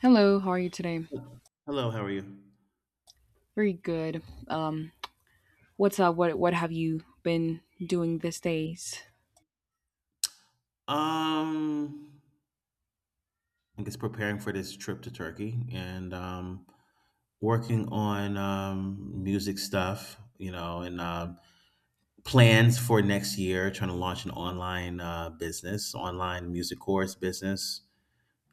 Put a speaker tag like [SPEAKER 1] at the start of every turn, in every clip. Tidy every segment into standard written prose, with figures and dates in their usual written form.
[SPEAKER 1] Hello, how are you today?
[SPEAKER 2] Hello, how are you?
[SPEAKER 1] Very good. What's up? What have you been doing these days?
[SPEAKER 2] Um, I guess preparing for this trip to Turkey and working on music stuff, and plans for next year, trying to launch an online business, online music course business,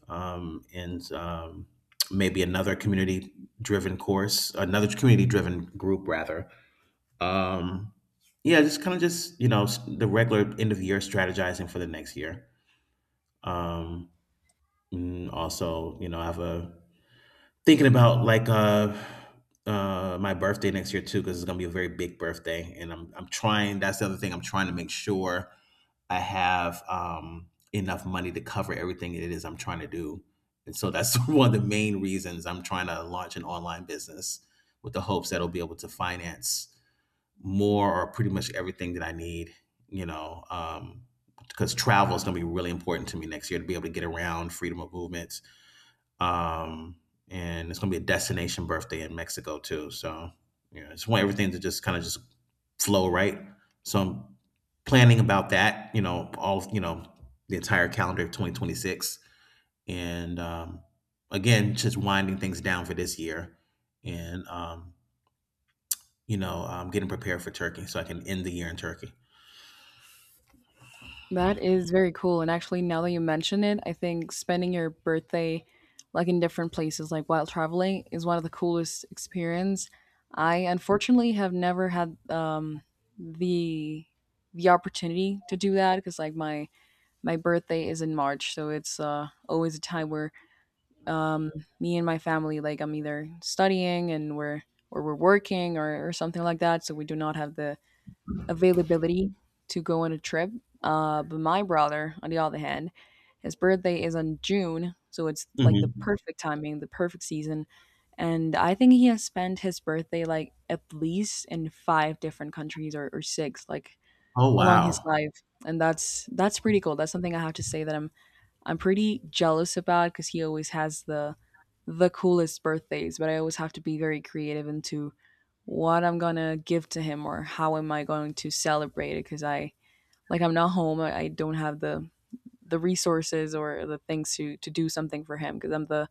[SPEAKER 2] um, and um, maybe another community driven course, another community driven group, rather. Um, yeah, just kind of just, the regular end of year strategizing for the next year. Um, Also, I have a thinking about like my birthday next year too, because it's gonna be a very big birthday. And I'm trying that's the other thing. I'm trying to make sure I have enough money to cover everything it is I'm trying to do. And so that's one of the main reasons I'm trying to launch an online business with the hopes that it'll be able to finance more or pretty much everything that I need, you know, um because travel is going to be really important to me next year to be able to get around freedom of movement um, and it's gonna be a destination birthday in Mexico too. So, I just want everything to just kind of just flow right. So I'm planning about that. All the entire calendar of 2026, and again, just winding things down for this year, and I'm getting prepared for Turkey so I can end the year in Turkey.
[SPEAKER 1] That is very cool. And actually, now that you mention it, I think spending your birthday like in different places, like while traveling, is one of the coolest experience. I unfortunately have never had the opportunity to do that because like my birthday is in March, so it's always a time where um me and my family like I'm either studying and we're or we're working or something like that, so we do not have the availability to go on a trip. But my brother on the other hand, his birthday is on June, so it's like the
[SPEAKER 2] Hmm.
[SPEAKER 1] perfect timing, the perfect season. And I think he has spent his birthday like at least in five different countries or six, like
[SPEAKER 2] Oh,
[SPEAKER 1] along his
[SPEAKER 2] wow.
[SPEAKER 1] life. And that's pretty cool. That's something I have to say that I'm pretty jealous about, because he always has the coolest birthdays, but I always have to be very creative into what I'm gonna give to him or how am I going to celebrate it, because I like I'm not home. I don't have the resources or the things to do something for him, because I'm the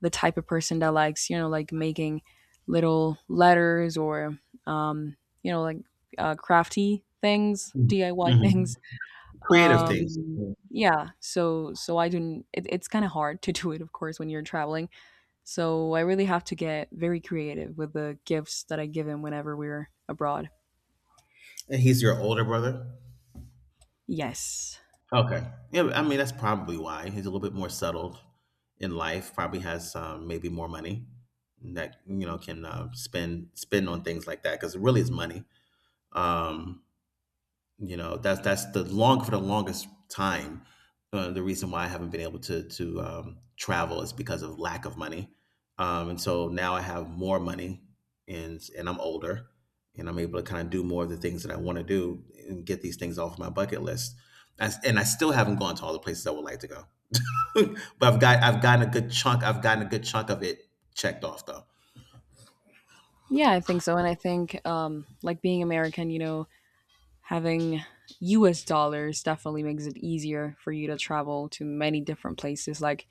[SPEAKER 1] type of person that likes, you know, like making little letters or um you know, like crafty things, DIY
[SPEAKER 2] Hmm.
[SPEAKER 1] things.
[SPEAKER 2] Creative things.
[SPEAKER 1] um
[SPEAKER 2] And
[SPEAKER 1] yeah, so I do it, it's kind of hard to do it, of course, when you're traveling, so I really have to get very creative with the gifts that I give him whenever we're abroad.
[SPEAKER 2] he's your older brother.
[SPEAKER 1] Yes.
[SPEAKER 2] Okay. Yeah, I mean, that's probably why. He's a little bit more settled in life, probably has maybe more money that can spend on things like that because it really is money. Um, that's the long for the longest time the reason why I haven't been able to travel is because of lack of money. And so now I have more money and I'm older, and I'm able to kind of do more of the things that I want to do and get these things off my bucket list. And I still haven't gone to all the places I would like to go, but I've gotten a good chunk of it checked off though.
[SPEAKER 1] Yeah, I think so. And I think like being American, you know, having US dollars definitely makes it easier for you to travel to many different places, like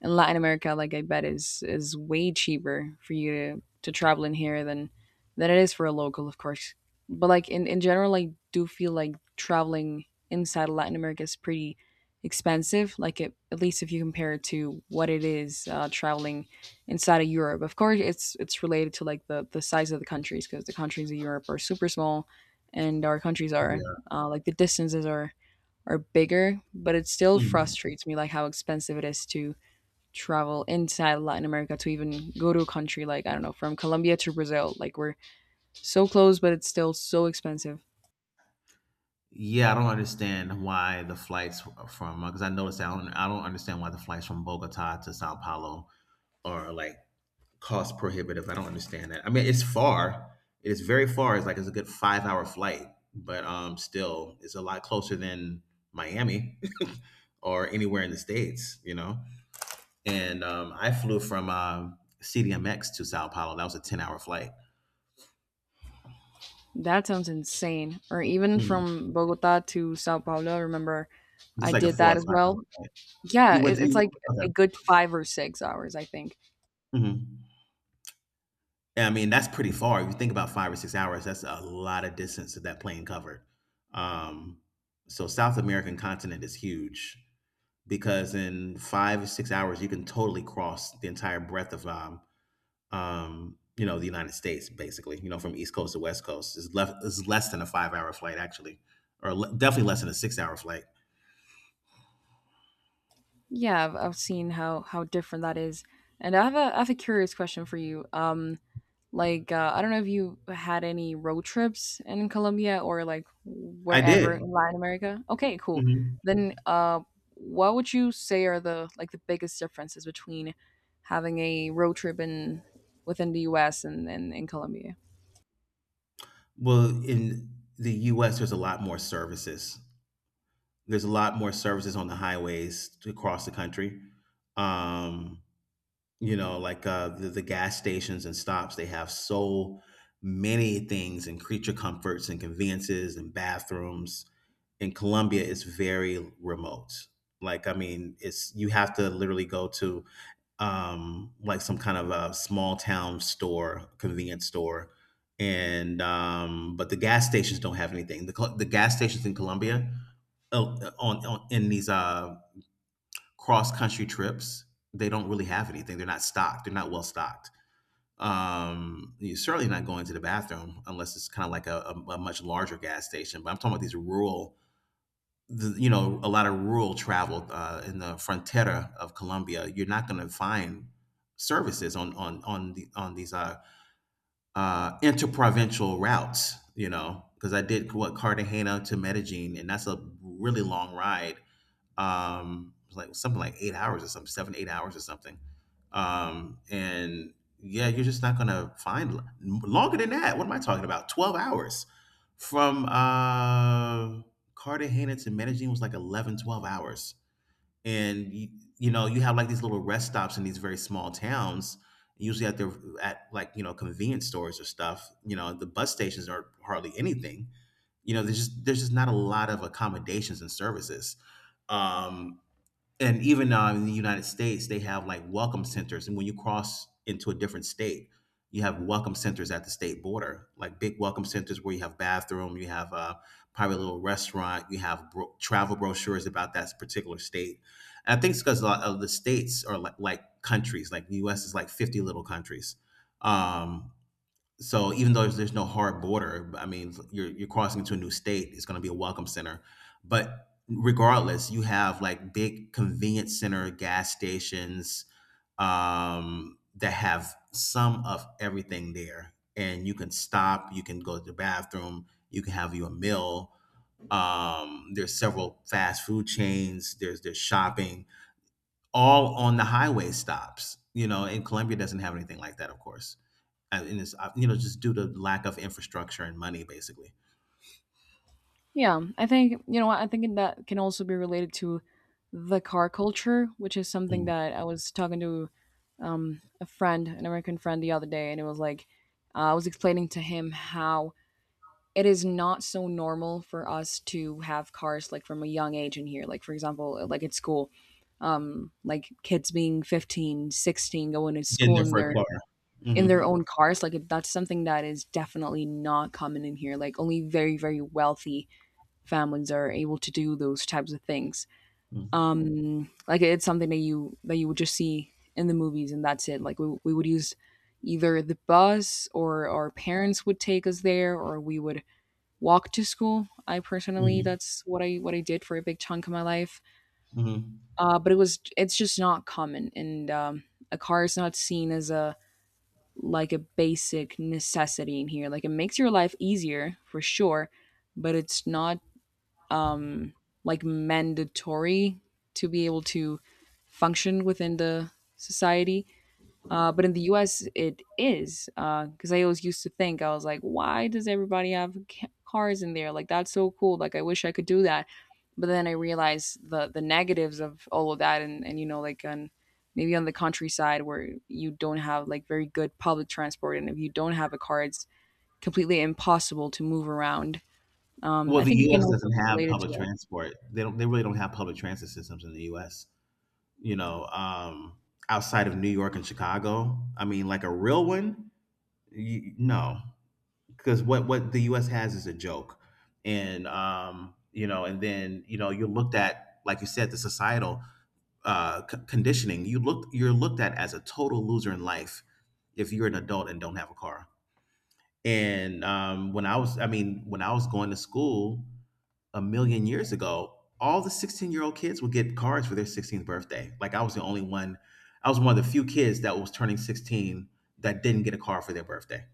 [SPEAKER 1] in Latin America, like I bet is way cheaper for you to travel in here than it is for a local, of course. But like in general, I do feel like traveling inside of Latin America is pretty expensive. Like it, at least if you compare it to what it is traveling inside of Europe. Of course, it's related to like the size of the countries, because the countries of Europe are super small, and our countries are like the distances are bigger. But it still
[SPEAKER 2] Yeah,
[SPEAKER 1] frustrates me like how expensive it is to travel inside Latin America, to even go to a country like I don't know, from Colombia to Brazil. Like we're so close, but it's still so expensive.
[SPEAKER 2] yeah, I don't understand why the flights from, because I noticed that I don't understand why the flights from Bogota to Sao Paulo are like cost prohibitive. I don't understand that. I mean, it's far. It is very far. It's like it's a good 5-hour flight, but still, it's a lot closer than Miami, or anywhere in the states. And I flew from CDMX to Sao Paulo. That was a 10-hour flight.
[SPEAKER 1] That sounds insane. Or even
[SPEAKER 2] Mhm.
[SPEAKER 1] from Bogota to Sao Paulo. Remember, I
[SPEAKER 2] Just like a
[SPEAKER 1] did
[SPEAKER 2] four
[SPEAKER 1] that
[SPEAKER 2] or
[SPEAKER 1] as
[SPEAKER 2] five hour
[SPEAKER 1] well.
[SPEAKER 2] flight.
[SPEAKER 1] Yeah,
[SPEAKER 2] You went
[SPEAKER 1] it,
[SPEAKER 2] to
[SPEAKER 1] it's
[SPEAKER 2] you,
[SPEAKER 1] like a
[SPEAKER 2] okay.
[SPEAKER 1] good 5 or 6 hours, I think.
[SPEAKER 2] Hmm. Yeah, I mean, that's pretty far. If you think about 5 or 6 hours, that's a lot of distance that that plane covered. Um, so South American continent is huge, because in 5 or 6 hours you can totally cross the entire breadth of the United States, basically, from East Coast to West Coast. Is less than a 5-hour flight, actually, or definitely less than a 6-hour flight.
[SPEAKER 1] Yeah, I've seen how different that is. And I have a curious question for you. Like, I don't know if you had any road trips in Colombia or like
[SPEAKER 2] I
[SPEAKER 1] wherever
[SPEAKER 2] did.
[SPEAKER 1] in Latin America. Okay, cool.
[SPEAKER 2] Mhm.
[SPEAKER 1] Then, what would you say are the like the biggest differences between having a road trip in within the U.S. And in Colombia?
[SPEAKER 2] Well, in the U.S., there's a lot more services on the highways across the country. Um, the gas stations and stops, they have so many things and creature comforts and conveniences and bathrooms. In Colombia, it's very remote. Like, I mean, it's you have to literally go to like some kind of a small town store, convenience store, and but the gas stations don't have anything. The gas stations in Colombia, oh, on in these cross country trips, they don't really have anything. They're not stocked. They're not well stocked. You're certainly not going to the bathroom unless it's kind of like a much larger gas station. But I'm talking about these rural, a lot of rural travel in the frontera of Colombia. You're not going to find services on the on these interprovincial routes. Because I did what Cartagena to Medellin, and that's a really long ride, it was like something like 8 hours or something, 7, 8 hours or something. And yeah, you're just not gonna find longer than that. What am I talking about? 12 hours from Cartagena to Medellin was like 11, 12 hours, and you have like these little rest stops in these very small towns, usually at convenience stores or stuff. The bus stations are hardly anything. There's just not a lot of accommodations and services, um and even in the United States, they have like welcome centers, and when you cross into a different state, you have welcome centers at the state border, like big welcome centers where you have bathroom, you have a private little restaurant, you have travel brochures about that particular state. And I think it's because a lot of the states are like countries, like the U.S. is like 50 little countries, um, so even though there's no hard border, I mean, you're crossing into a new state. It's going to be a welcome center, but regardless, you have like big convenience center, gas stations that have some of everything there, and you can stop. You can go to the bathroom. You can have you a meal. There's several fast food chains. There's shopping all on the highway stops. And Colombia doesn't have anything like that, of course. And it's just due to lack of infrastructure and money, basically.
[SPEAKER 1] Yeah, I think, you know what, I think that can also be related to the car culture, which is something
[SPEAKER 2] Mm.
[SPEAKER 1] that I was talking to a friend, an American friend, the other day, and it was like I was explaining to him how it is not so normal for us to have cars like from a young age in here, like for example like at school, like kids being 15, 16, going to
[SPEAKER 2] Getting
[SPEAKER 1] school
[SPEAKER 2] their first car.
[SPEAKER 1] in
[SPEAKER 2] Mm-hmm.
[SPEAKER 1] their own cars. Like that's something that is definitely not common in here. Like only very very wealthy families are able to do those types of things.
[SPEAKER 2] Mm-hmm.
[SPEAKER 1] Like it's something that you would just see in the movies and that's it. Like we would use either the bus or our parents would take us there, or we would walk to school. I personally, that's what I did for a big chunk of my life.
[SPEAKER 2] Hmm.
[SPEAKER 1] But it was it's just not common. And a car is not seen as a like a basic necessity in here. Like it makes your life easier for sure, but it's not um, like mandatory to be able to function within the society. But in the US, it is. Because I always used to think, I was like, why does everybody have ca- cars in there? Like, that's so cool. Like, I wish I could do that. But then I realized the negatives of all of that. And you know, like, maybe on the countryside where you don't have like very good public transport. And if you don't have a car, it's completely impossible to move around.
[SPEAKER 2] Well,
[SPEAKER 1] I
[SPEAKER 2] the
[SPEAKER 1] think it can
[SPEAKER 2] U.S.
[SPEAKER 1] also
[SPEAKER 2] doesn't
[SPEAKER 1] be
[SPEAKER 2] have
[SPEAKER 1] related to
[SPEAKER 2] public
[SPEAKER 1] that.
[SPEAKER 2] transport. They don't. They really don't have public transit systems in the U.S. You know, um, outside of New York and Chicago. I mean, like a real one. You, no. Because what the U.S. has is a joke, and you are looked at, like you said, the societal conditioning. You're looked at as a total loser in life if you're an adult and don't have a car. And when I was, I mean, when I was going to school a million years ago, all the 16-year-old kids would get cards for their 16th birthday. Like, I was the only one. I was one of the few kids that was turning 16 that didn't get a car for their birthday,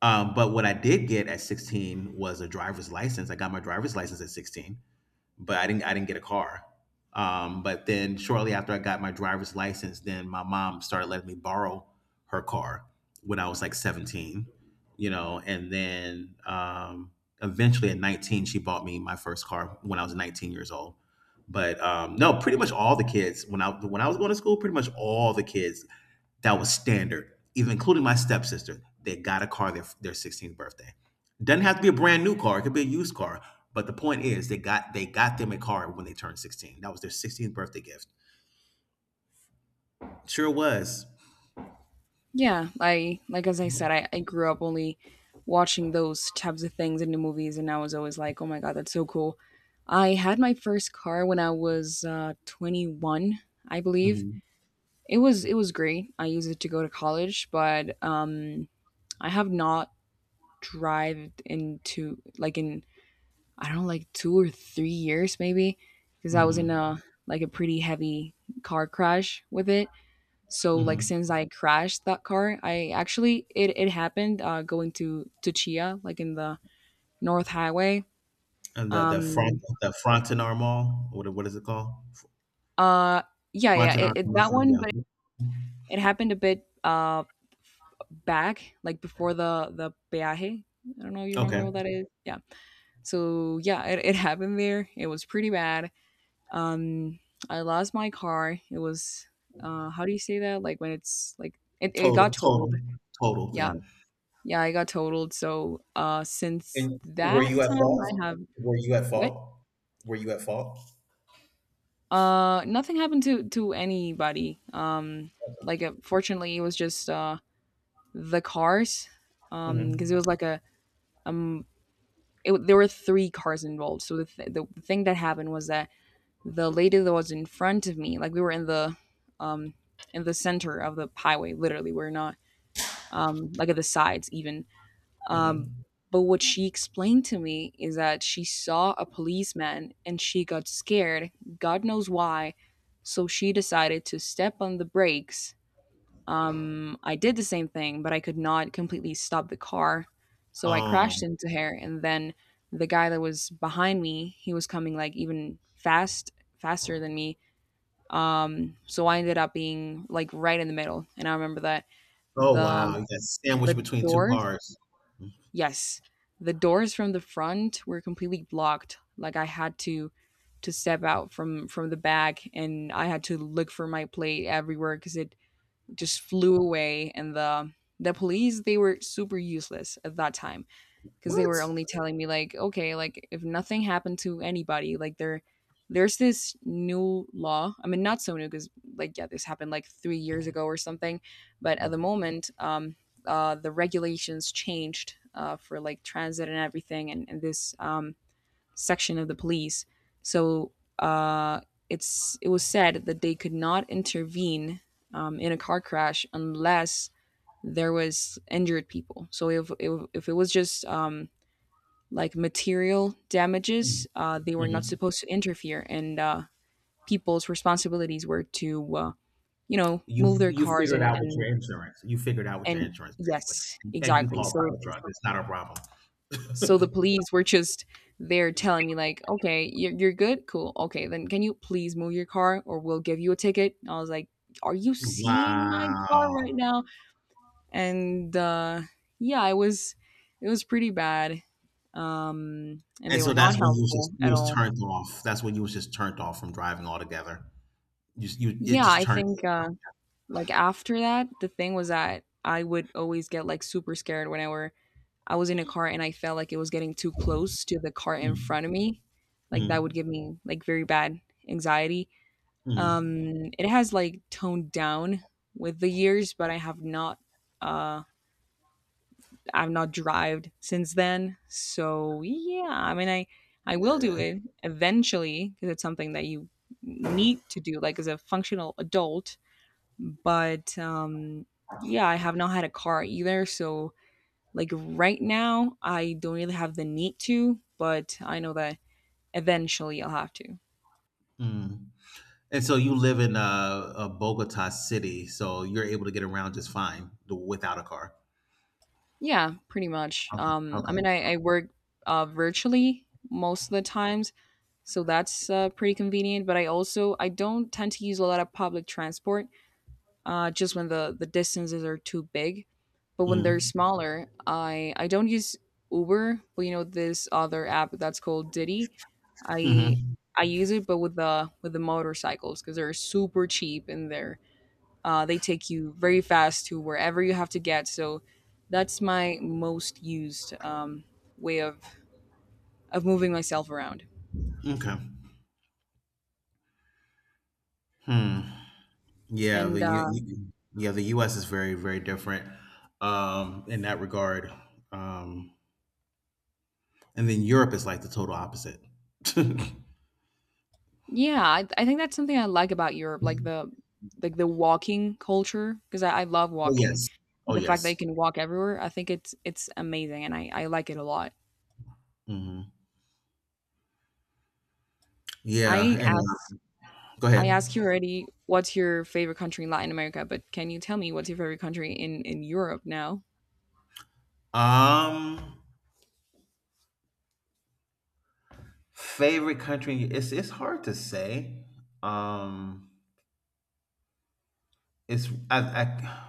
[SPEAKER 2] but what I did get at 16 was a driver's license. I got my driver's license at 16, but I didn't get a car. But then shortly after I got my driver's license, then my mom started letting me borrow her car when I was like 17, you know, and then eventually at 19 she bought me my first car when I was 19 years old. But no, pretty much all the kids when I was going to school, pretty much all the kids, that was standard, even including my stepsister. They got a car their 16th birthday. Doesn't have to be a brand new car; it could be a used car. But the point is, they got them a car when they turned 16. That was their 16th birthday gift. Sure was.
[SPEAKER 1] Yeah, I like as I said, I grew up only watching those types of things in the movies, and I was always like, "Oh my god, that's so cool!" I had my first car when I was 21, I believe.
[SPEAKER 2] Hmm.
[SPEAKER 1] It was great. I used it to go to college, but I have not drived into like in I don't know, like 2 or 3 years maybe, because I was in
[SPEAKER 2] Hmm.
[SPEAKER 1] a like a pretty heavy car crash with it. So like
[SPEAKER 2] Hmm.
[SPEAKER 1] since I crashed that car, I actually it happened going to Chia like in the North Highway.
[SPEAKER 2] And the the
[SPEAKER 1] Um
[SPEAKER 2] front the Frontenac Mall. What is it called?
[SPEAKER 1] uh yeah
[SPEAKER 2] Frontenac.
[SPEAKER 1] it, that one,
[SPEAKER 2] Yeah.
[SPEAKER 1] but it happened a bit back like before the peaje. I don't know you
[SPEAKER 2] Okay.
[SPEAKER 1] remember what that is. Yeah. So yeah, it happened there. It was pretty bad. Um I lost my car. It was how do you say that? Like when it's like it got
[SPEAKER 2] Total. Total.
[SPEAKER 1] totaled.
[SPEAKER 2] Total.
[SPEAKER 1] Yeah.
[SPEAKER 2] Yeah.
[SPEAKER 1] Yeah, I got totaled. So since
[SPEAKER 2] And were
[SPEAKER 1] that
[SPEAKER 2] you at
[SPEAKER 1] time
[SPEAKER 2] fault?
[SPEAKER 1] I have
[SPEAKER 2] Were you at
[SPEAKER 1] what?
[SPEAKER 2] fault? Were you at fault?
[SPEAKER 1] Nothing happened to anybody. Like fortunately it was just the cars, because it
[SPEAKER 2] Hmm.
[SPEAKER 1] was like a there were three cars involved. So the thing that happened was that the lady that was in front of me, like we were um in the center of the highway literally. We're not like at the sides even.
[SPEAKER 2] Hmm.
[SPEAKER 1] But what she explained to me is that she saw a policeman and she got scared, God knows why. So she decided to step on the brakes. I did the same thing, but I could not completely stop the car. So I
[SPEAKER 2] Oh.
[SPEAKER 1] crashed into her, and then the guy that was behind me, he was coming like even fast, faster than me. So I ended up being like right in the middle, and I remember that the
[SPEAKER 2] Oh, wow,
[SPEAKER 1] um,
[SPEAKER 2] you got sandwiched
[SPEAKER 1] the
[SPEAKER 2] between 2
[SPEAKER 1] door.
[SPEAKER 2] cars.
[SPEAKER 1] Yes, the doors from the front were completely blocked. Like I had to step out from the back, and I had to look for my plate everywhere because it just flew away. And the police, they were super useless at that time, because they
[SPEAKER 2] What?
[SPEAKER 1] were only telling me like, okay, like if nothing happened to anybody, like there there's this new law. I mean, not so new, because like yeah, this happened like 3 years ago or something. But at the moment, the regulations changed for like transit and everything, and this section of the police. So uh it's it was said that they could not intervene, in a car crash, unless there was injured people. So if it was just like material
[SPEAKER 2] Mm,
[SPEAKER 1] damages, they were not
[SPEAKER 2] mhm.
[SPEAKER 1] supposed to interfere, and people's responsibilities were to, you know,
[SPEAKER 2] You
[SPEAKER 1] move their
[SPEAKER 2] you
[SPEAKER 1] cars
[SPEAKER 2] figured out with your insurance. You figured out with your
[SPEAKER 1] and
[SPEAKER 2] insurance, basically,
[SPEAKER 1] yes,
[SPEAKER 2] and you
[SPEAKER 1] exactly.
[SPEAKER 2] called
[SPEAKER 1] So
[SPEAKER 2] fire truck. It's not a problem.
[SPEAKER 1] so the police were just there telling me like, okay, you're good, cool, okay, then can you please move your car or we'll give you a ticket? I was like, are you seeing my car
[SPEAKER 2] Wow,
[SPEAKER 1] right now? And yeah, it was pretty bad, and
[SPEAKER 2] and
[SPEAKER 1] they were
[SPEAKER 2] so
[SPEAKER 1] not
[SPEAKER 2] that's when you was just
[SPEAKER 1] helpful
[SPEAKER 2] you
[SPEAKER 1] at
[SPEAKER 2] was
[SPEAKER 1] all.
[SPEAKER 2] turned off. That's when you was just turned off from driving altogether. You s you it
[SPEAKER 1] Yeah,
[SPEAKER 2] just
[SPEAKER 1] I
[SPEAKER 2] turned you
[SPEAKER 1] think
[SPEAKER 2] off.
[SPEAKER 1] like after that, the thing was that I would always get like super scared whenever I was in a car and I felt like it was getting too close to the car in
[SPEAKER 2] Mm,
[SPEAKER 1] front of me. Like
[SPEAKER 2] mm,
[SPEAKER 1] that would give me like very bad anxiety.
[SPEAKER 2] mm,
[SPEAKER 1] It has like toned down with the years, but I have not uh I've not drived since then. So yeah, I mean I will do
[SPEAKER 2] eh,
[SPEAKER 1] it eventually because it's something that you need to do, like, as a functional adult, but yeah, I have not had a car either. So, like, right now I don't really have the need to, but I know that eventually I'll have to.
[SPEAKER 2] mm. And so you live in, Bogota City, so you're able to get around just fine without a car.
[SPEAKER 1] Yeah, pretty much.
[SPEAKER 2] Okay,
[SPEAKER 1] I
[SPEAKER 2] okay.
[SPEAKER 1] mean I work virtually most of the times, so that's pretty convenient. But I also I don't tend to use a lot of public transport, just when the distances are too big. But when they're
[SPEAKER 2] Mhm.
[SPEAKER 1] smaller, I don't use Uber, but you know this other app that's called Didi. I
[SPEAKER 2] Mm-hmm.
[SPEAKER 1] I use it, but with the motorcycles because they're super cheap, and they're they take you very fast to wherever you have to get. So that's my most used way of moving myself around.
[SPEAKER 2] Okay. Hmm. Yeah,
[SPEAKER 1] And
[SPEAKER 2] the U, U- yeah, the US is very, very different in that regard. Um and then Europe is like the total opposite.
[SPEAKER 1] yeah, I think that's something I like about Europe, like the the walking culture, because I love
[SPEAKER 2] Oh, yes.
[SPEAKER 1] walking.
[SPEAKER 2] Oh,
[SPEAKER 1] The fact
[SPEAKER 2] yes.
[SPEAKER 1] that you can walk everywhere, I think it's amazing, and I like it a lot.
[SPEAKER 2] Hmm. Yeah,
[SPEAKER 1] I
[SPEAKER 2] and
[SPEAKER 1] asked
[SPEAKER 2] go
[SPEAKER 1] I
[SPEAKER 2] ahead.
[SPEAKER 1] asked you already what's your favorite country in Latin America, but can you tell me what's your favorite country in Europe now?
[SPEAKER 2] Um, Favorite country? It's hard to say. Um, it's I I,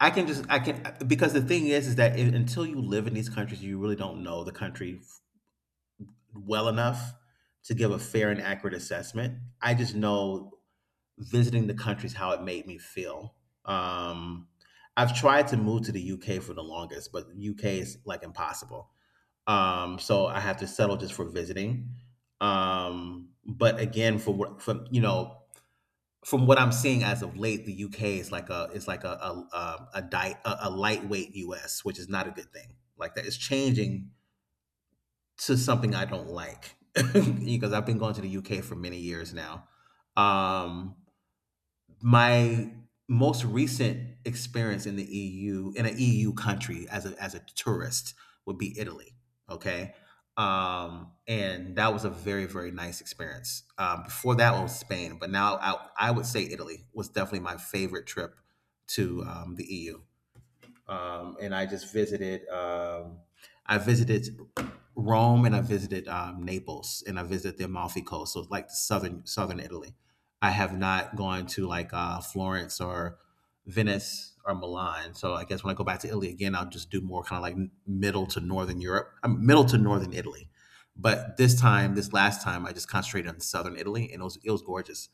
[SPEAKER 2] I can just I can, because the thing is that until you live in these countries, you really don't know the country well enough to give a fair and accurate assessment. I just know visiting the country is how it made me feel. Um, I've tried to move to the UK for the longest, but UK is like impossible. So I have to settle just for visiting. But again, for what from you know from what I'm seeing as of late, the UK is like a lightweight US, which is not a good thing. Like that, it's changing to something I don't like because I've been going to the UK for many years now. Um, my most recent experience in the EU, in an EU country as a tourist, would be Italy. Okay, and that was a very very nice experience. Before that was Spain, but now I would say Italy was definitely my favorite trip to the EU, and I just visited. I visited Rome, and I visited Naples, and I visited the Amalfi Coast, so it's like the southern Italy. I have not gone to like Florence or Venice or Milan. So I guess when I go back to Italy again, I'll just do more kind of like middle to northern Europe, middle to northern Italy. But this time, this last time, I just concentrated on southern Italy, and it was gorgeous.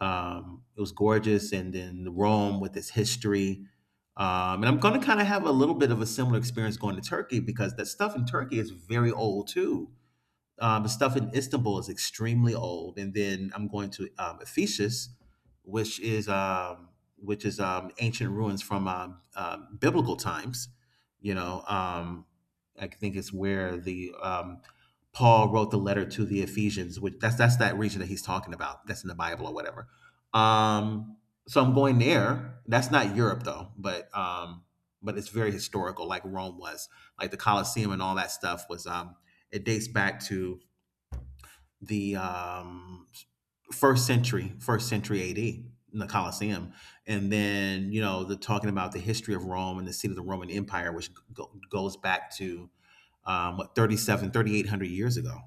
[SPEAKER 2] It was gorgeous, and then Rome with its history. And I'm going to kind of have a little bit of a similar experience going to Turkey, because that stuff in Turkey is very old too. The stuff in Istanbul is extremely old, and then I'm going to Ephesus, which is um, which is ancient ruins from biblical times. You know, I think it's where the Paul wrote the letter to the Ephesians, which that's that region that he's talking about. That's in the Bible or whatever. Um, so I'm going there. That's not Europe though, but it's very historical, like Rome was, like the Colosseum and all that stuff was. It dates back to the first century AD in the Colosseum. And then, you know, the talking about the history of Rome and the seat of the Roman Empire, which goes back to what, thirty seven, 3,800 years ago.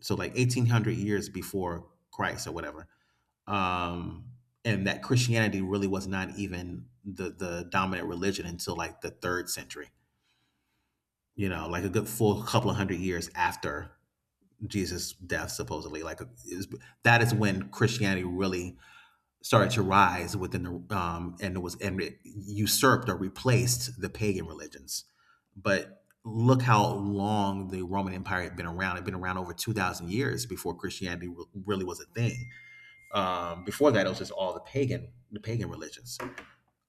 [SPEAKER 2] So like 1,800 years before Christ or whatever. Um, and that Christianity really was not even the dominant religion until like the third century, you know, like a good full couple of hundred years after Jesus' death, supposedly. That is when Christianity really started to rise within the and it was and it usurped or replaced the pagan religions. But look how long the Roman Empire had been around. It had been around over 2,000 years before Christianity really was a thing. Before that, it was just all the pagan religions.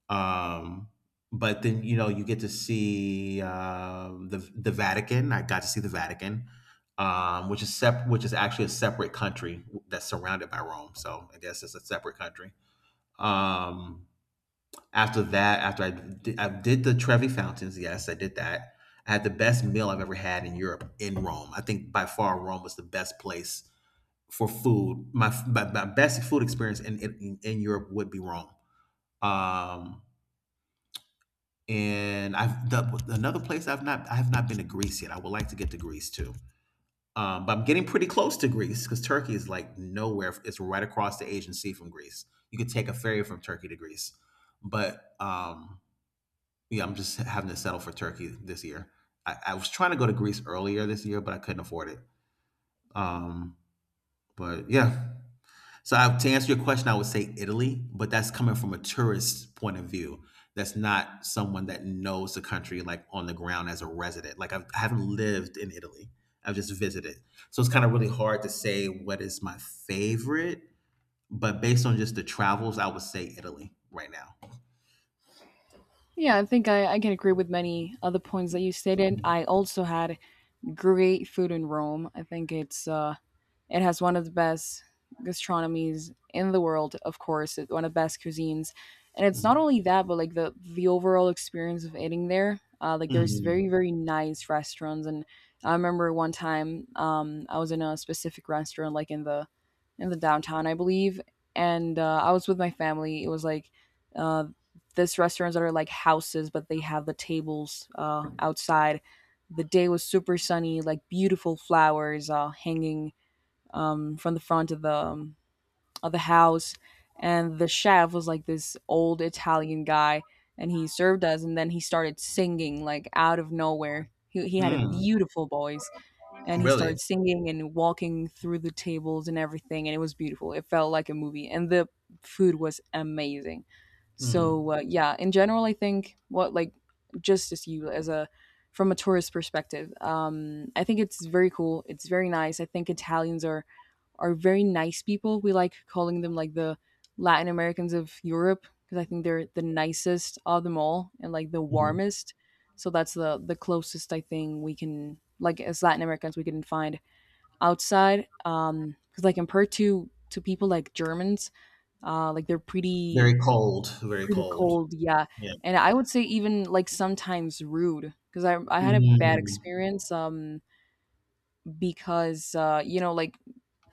[SPEAKER 2] Um, but then you know you get to see the Vatican. I got to see the Vatican, which is which is actually a separate country that's surrounded by Rome. So I guess it's a separate country. Um, After that, I did the Trevi Fountains, yes, I did that. I had the best meal I've ever had in Europe, in Rome. I think by far Rome was the best place for food. My best food experience in Europe would be Rome. Um, and another place I've not I have not been to Greece yet. I would like to get to Greece too, but I'm getting pretty close to Greece because Turkey is like nowhere. It's right across the Aegean Sea from Greece. You could take a ferry from Turkey to Greece, but yeah, I'm just having to settle for Turkey this year. I was trying to go to Greece earlier this year, but I couldn't afford it. Um, but yeah, so to answer your question, I would say Italy, but that's coming from a tourist point of view. That's not someone that knows the country like on the ground as a resident. Like I haven't lived in Italy. I've just visited. So it's kind of really hard to say what is my favorite, but based on just the travels, I would say Italy right now.
[SPEAKER 1] Yeah, I think I can agree with many other points that you stated. I also had great food in Rome. I think it has one of the best gastronomies in the world. Of course, one of the best cuisines, and it's
[SPEAKER 2] Mhm.
[SPEAKER 1] not only that, but like the overall experience of eating there. Like there's
[SPEAKER 2] Mhm.
[SPEAKER 1] very very nice restaurants, and I remember one time, I was in a specific restaurant, like in the downtown, I believe, and I was with my family. It was like. Uh, this restaurants that are like houses, but they have the tables outside. The day was super sunny, like beautiful flowers hanging from the front of the house, and the chef was like this old Italian guy, and he served us, and then he started singing like out of nowhere. He had a
[SPEAKER 2] Mm.
[SPEAKER 1] beautiful voice, and he
[SPEAKER 2] Really?
[SPEAKER 1] started singing and walking through the tables and everything, and it was beautiful. It felt like a movie, and the food was amazing.
[SPEAKER 2] Mhm.
[SPEAKER 1] So yeah, in general, I think what, just as you, as a, from a tourist perspective, I think it's very cool, it's very nice. I think Italians are very nice people. We like calling them like the Latin Americans of Europe, because I think they're the nicest of them all, and like the
[SPEAKER 2] Mhm.
[SPEAKER 1] warmest. So that's the closest, I think, we can, like, as Latin Americans, we can find outside. Because, like, compared to people like Germans, like they're
[SPEAKER 2] Very cold, very
[SPEAKER 1] pretty
[SPEAKER 2] cold.
[SPEAKER 1] cold, yeah.
[SPEAKER 2] Yeah.
[SPEAKER 1] And I would say even like sometimes rude, because I had a bad
[SPEAKER 2] Mhm.
[SPEAKER 1] experience, because you know, like,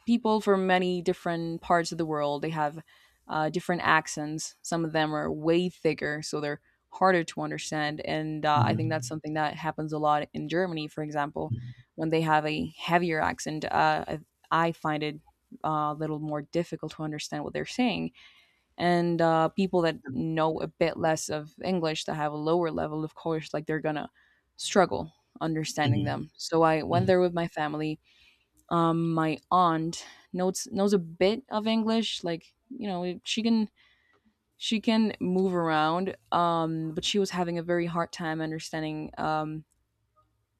[SPEAKER 1] people from many different parts of the world. They have different accents. Some of them are way thicker, so they're harder to understand. And I think that's
[SPEAKER 2] Mhm.
[SPEAKER 1] something that happens a lot in Germany, for example,
[SPEAKER 2] Mhm.
[SPEAKER 1] when they have a heavier accent. I find it a little more difficult to understand what they're saying. And people that know a bit less of English, that have a lower level, of course, like they're gonna struggle understanding
[SPEAKER 2] Mhm.
[SPEAKER 1] them. So I went there with my family, my aunt knows a bit of English, like, you know, she can move around, but she was having a very hard time understanding, um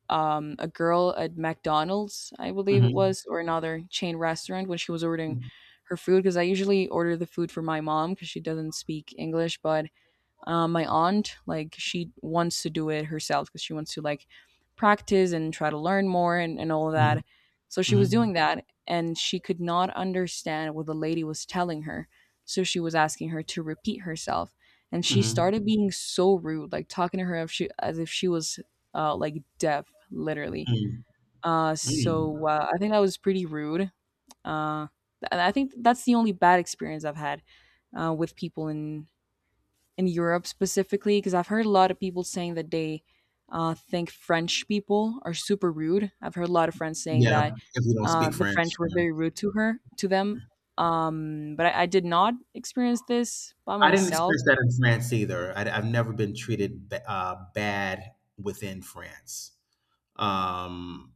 [SPEAKER 1] um a girl at McDonald's, I believe it
[SPEAKER 2] Mhm.
[SPEAKER 1] was, or another chain restaurant, when she was ordering her food. Because I usually order the food for my mom because she doesn't speak English, but my aunt, like, she wants to do it herself because she wants to, like, practice and try to learn more, and all of
[SPEAKER 2] Mhm,
[SPEAKER 1] that. So she
[SPEAKER 2] mhm,
[SPEAKER 1] was doing that, and she could not understand what the lady was telling her. So she was asking her to repeat herself. And she
[SPEAKER 2] mhm,
[SPEAKER 1] started being so rude, like talking to her, if she, as if she was like, deaf, literally.
[SPEAKER 2] mm,
[SPEAKER 1] Uh, so
[SPEAKER 2] mm.
[SPEAKER 1] uh, I think that was pretty rude. Uh, and I think that's the only bad experience I've had with people in Europe specifically. Because I've heard a lot of people saying that they think French people are super rude. I've heard a lot of friends saying
[SPEAKER 2] Yeah,
[SPEAKER 1] that
[SPEAKER 2] if you don't speak
[SPEAKER 1] the
[SPEAKER 2] French,
[SPEAKER 1] French were
[SPEAKER 2] yeah.
[SPEAKER 1] very rude to her, to them. But I did not experience this by
[SPEAKER 2] I didn't
[SPEAKER 1] myself.
[SPEAKER 2] experience that in France either. Have never been treated bad within France. Um,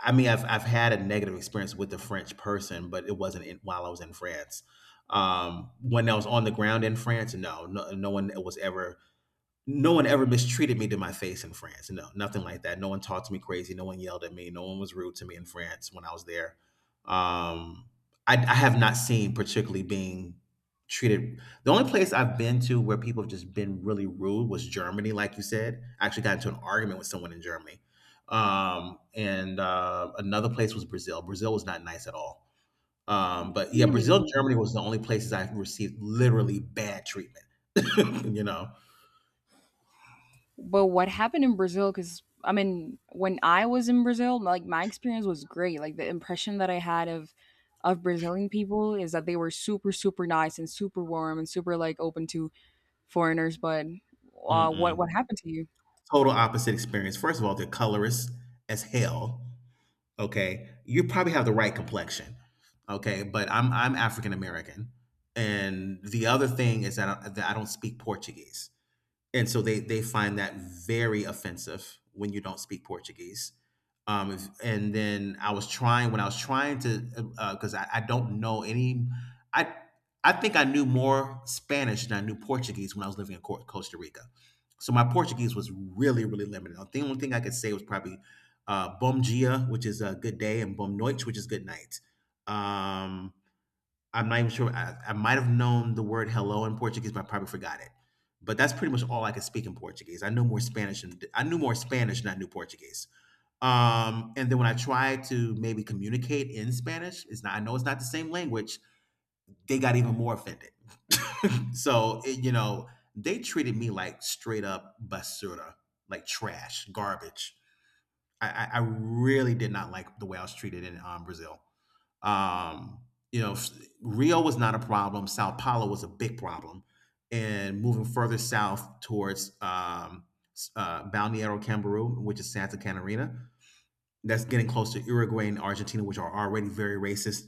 [SPEAKER 2] I mean, I've had a negative experience with a French person, but it wasn't in, while I was in France. When I was on the ground in France, no, no, no one was ever no one ever mistreated me to my face in France. No, nothing like that. No one talked to me crazy. No one yelled at me. No one was rude to me in France when I was there. Um, I have not seen particularly being treated. The only place I've been to where people have just been really rude was Germany, like you said. I actually got into an argument with someone in Germany. And Another place was Brazil. Brazil was not nice at all. But yeah,
[SPEAKER 1] Really?
[SPEAKER 2] Brazil, Germany was the only places I received literally bad treatment. you know.
[SPEAKER 1] But what happened in Brazil? Because I mean, when I was in Brazil, like, my experience was great. Like, the impression that I had of Brazilian people is that they were super, super nice and super warm and super, like, open to foreigners. But
[SPEAKER 2] Mm-mm.
[SPEAKER 1] what happened to you?
[SPEAKER 2] Total opposite experience. First of all, they're colorist as hell. Okay, you probably have the right complexion. Okay, but I'm African American, and the other thing is that I don't speak Portuguese, and so they find that very offensive when you don't speak Portuguese. And then I was trying when I was trying to, because I don't know any. I I think I knew more Spanish than I knew Portuguese when I was living in Costa Rica. So my Portuguese was really really limited. The only thing I could say was probably "bom dia," which is a good day, and "bom noite," which is good night. Um, I'm not even sure. I might have known the word hello in Portuguese, but I probably forgot it. But that's pretty much all I could speak in Portuguese. I knew more Spanish than I knew Portuguese. And then when I tried to maybe communicate in Spanish, it's not. I know it's not the same language. They got even more offended. So it, you know, they treated me like straight up basura, like trash, garbage. I really did not like the way I was treated in Brazil. Um, you know, Rio was not a problem. Sao Paulo was a big problem, and moving further south towards Balneário Camboriú, which is Santa Catarina, that's getting close to Uruguay and Argentina, which are already very racist.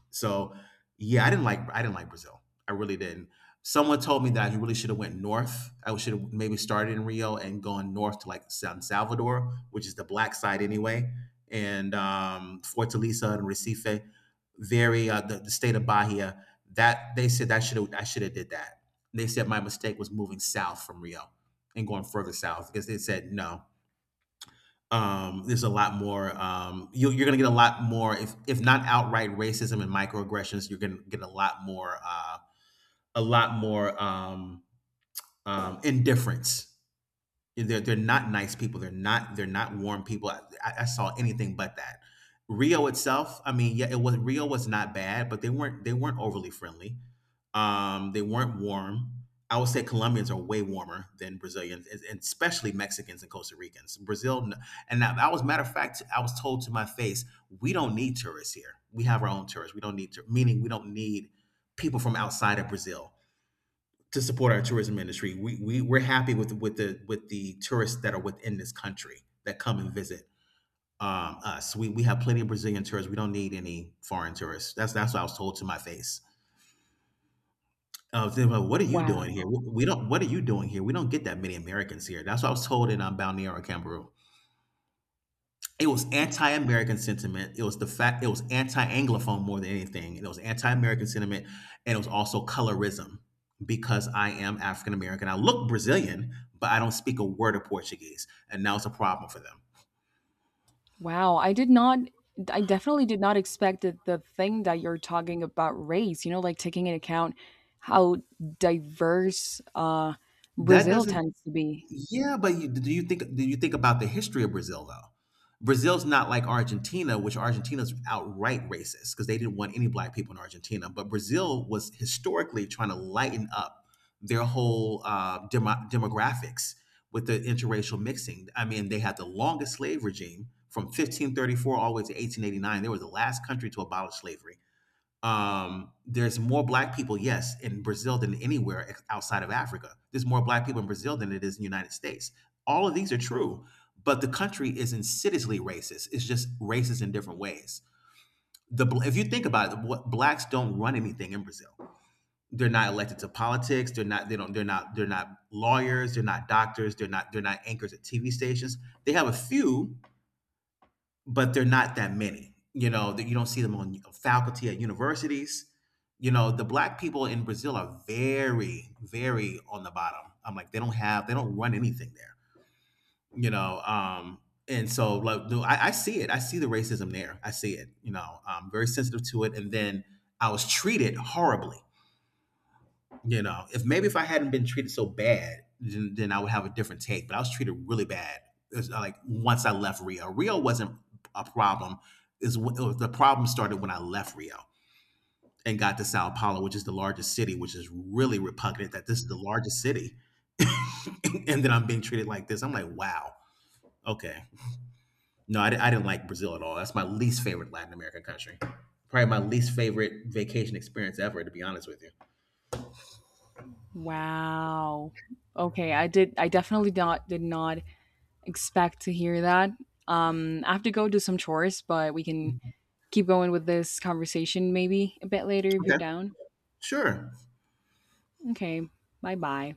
[SPEAKER 2] So yeah, I didn't like Brazil. I really didn't. Someone told me that you really should have went north. I should have maybe started in Rio and gone north to like San Salvador, which is the black side anyway, and Fortaleza and Recife, very the state of Bahia. That they said that should have I should have did that. They said my mistake was moving south from Rio and going further south, because they said no there's a lot more, you you're gonna get a lot more, if not outright racism and microaggressions, you're gonna get a lot more, a lot more, um, indifference. They're not nice people. They're not warm people. I saw anything but that. Rio itself, I mean, yeah, it was Rio was not bad, but they weren't overly friendly. They weren't warm. I would say Colombians are way warmer than Brazilians, and especially Mexicans and Costa Ricans. I was, matter of fact, I was told to my face, we don't need tourists here. We have our own tourists. We don't need, to meaning we don't need people from outside of Brazil to support our tourism industry. We're happy with with the tourists that are within this country that come and visit us. We have plenty of Brazilian tourists. We don't need any foreign tourists. That's what I was told to my face. They were like, what are you doing
[SPEAKER 1] Wow,
[SPEAKER 2] here? We don't. What are you doing here? We don't get that many Americans here. That's what I was told in Balneário Camaru. It was anti-American sentiment. It was anti-Anglophone more than anything. It was anti-American sentiment, and it was also colorism because I am African American. I look Brazilian, but I don't speak a word of Portuguese, and now it's a problem for them.
[SPEAKER 1] wow! I definitely did not expect that, the thing that you're talking about race. You know, like, taking into account how diverse,
[SPEAKER 2] That
[SPEAKER 1] Brazil
[SPEAKER 2] doesn't
[SPEAKER 1] tends to be.
[SPEAKER 2] Yeah, but do you think about the history of Brazil though? Brazil's not like Argentina, which Argentina's outright racist because they didn't want any black people in Argentina. But Brazil was historically trying to lighten up their whole demographics with the interracial mixing. I mean, they had the longest slave regime from 1534 all the way to 1889. They were the last country to abolish slavery. There's more black people, yes, in Brazil than anywhere outside of Africa. There's more black people in Brazil than it is in the United States. All of these are true, but the country is insidiously racist. It's just racist in different ways. The If you think about it, what blacks don't run anything in Brazil. They're not elected to politics. They're not. They don't. They're not. They're not lawyers. They're not doctors. They're not anchors at TV stations. They have a few, but they're not that many. You know that you don't see them on faculty at universities. You know the black people in Brazil are very, very on the bottom. I'm like they don't run anything there. You know, and so like no, I see it. I see the racism there. I see it. You know, I'm very sensitive to it. And then I was treated horribly. You know, if maybe if I hadn't been treated so bad, then I would have a different take. But I was treated really bad. It was, like Once I left Rio, Rio wasn't a problem. Is the problem started when I left Rio and got to Sao Paulo, which is the largest city, which is really repugnant that this is the largest city, and then I'm being treated like this. I'm like, wow, okay. No, I didn't like Brazil at all. That's my least favorite Latin American country. Probably my least favorite vacation experience ever, to be honest with you.
[SPEAKER 1] Wow. I definitely not did not expect to hear that. I have to go do some chores, but we can keep going with this conversation maybe a bit later if you're
[SPEAKER 2] Okay,
[SPEAKER 1] down.
[SPEAKER 2] sure.
[SPEAKER 1] Okay, bye bye.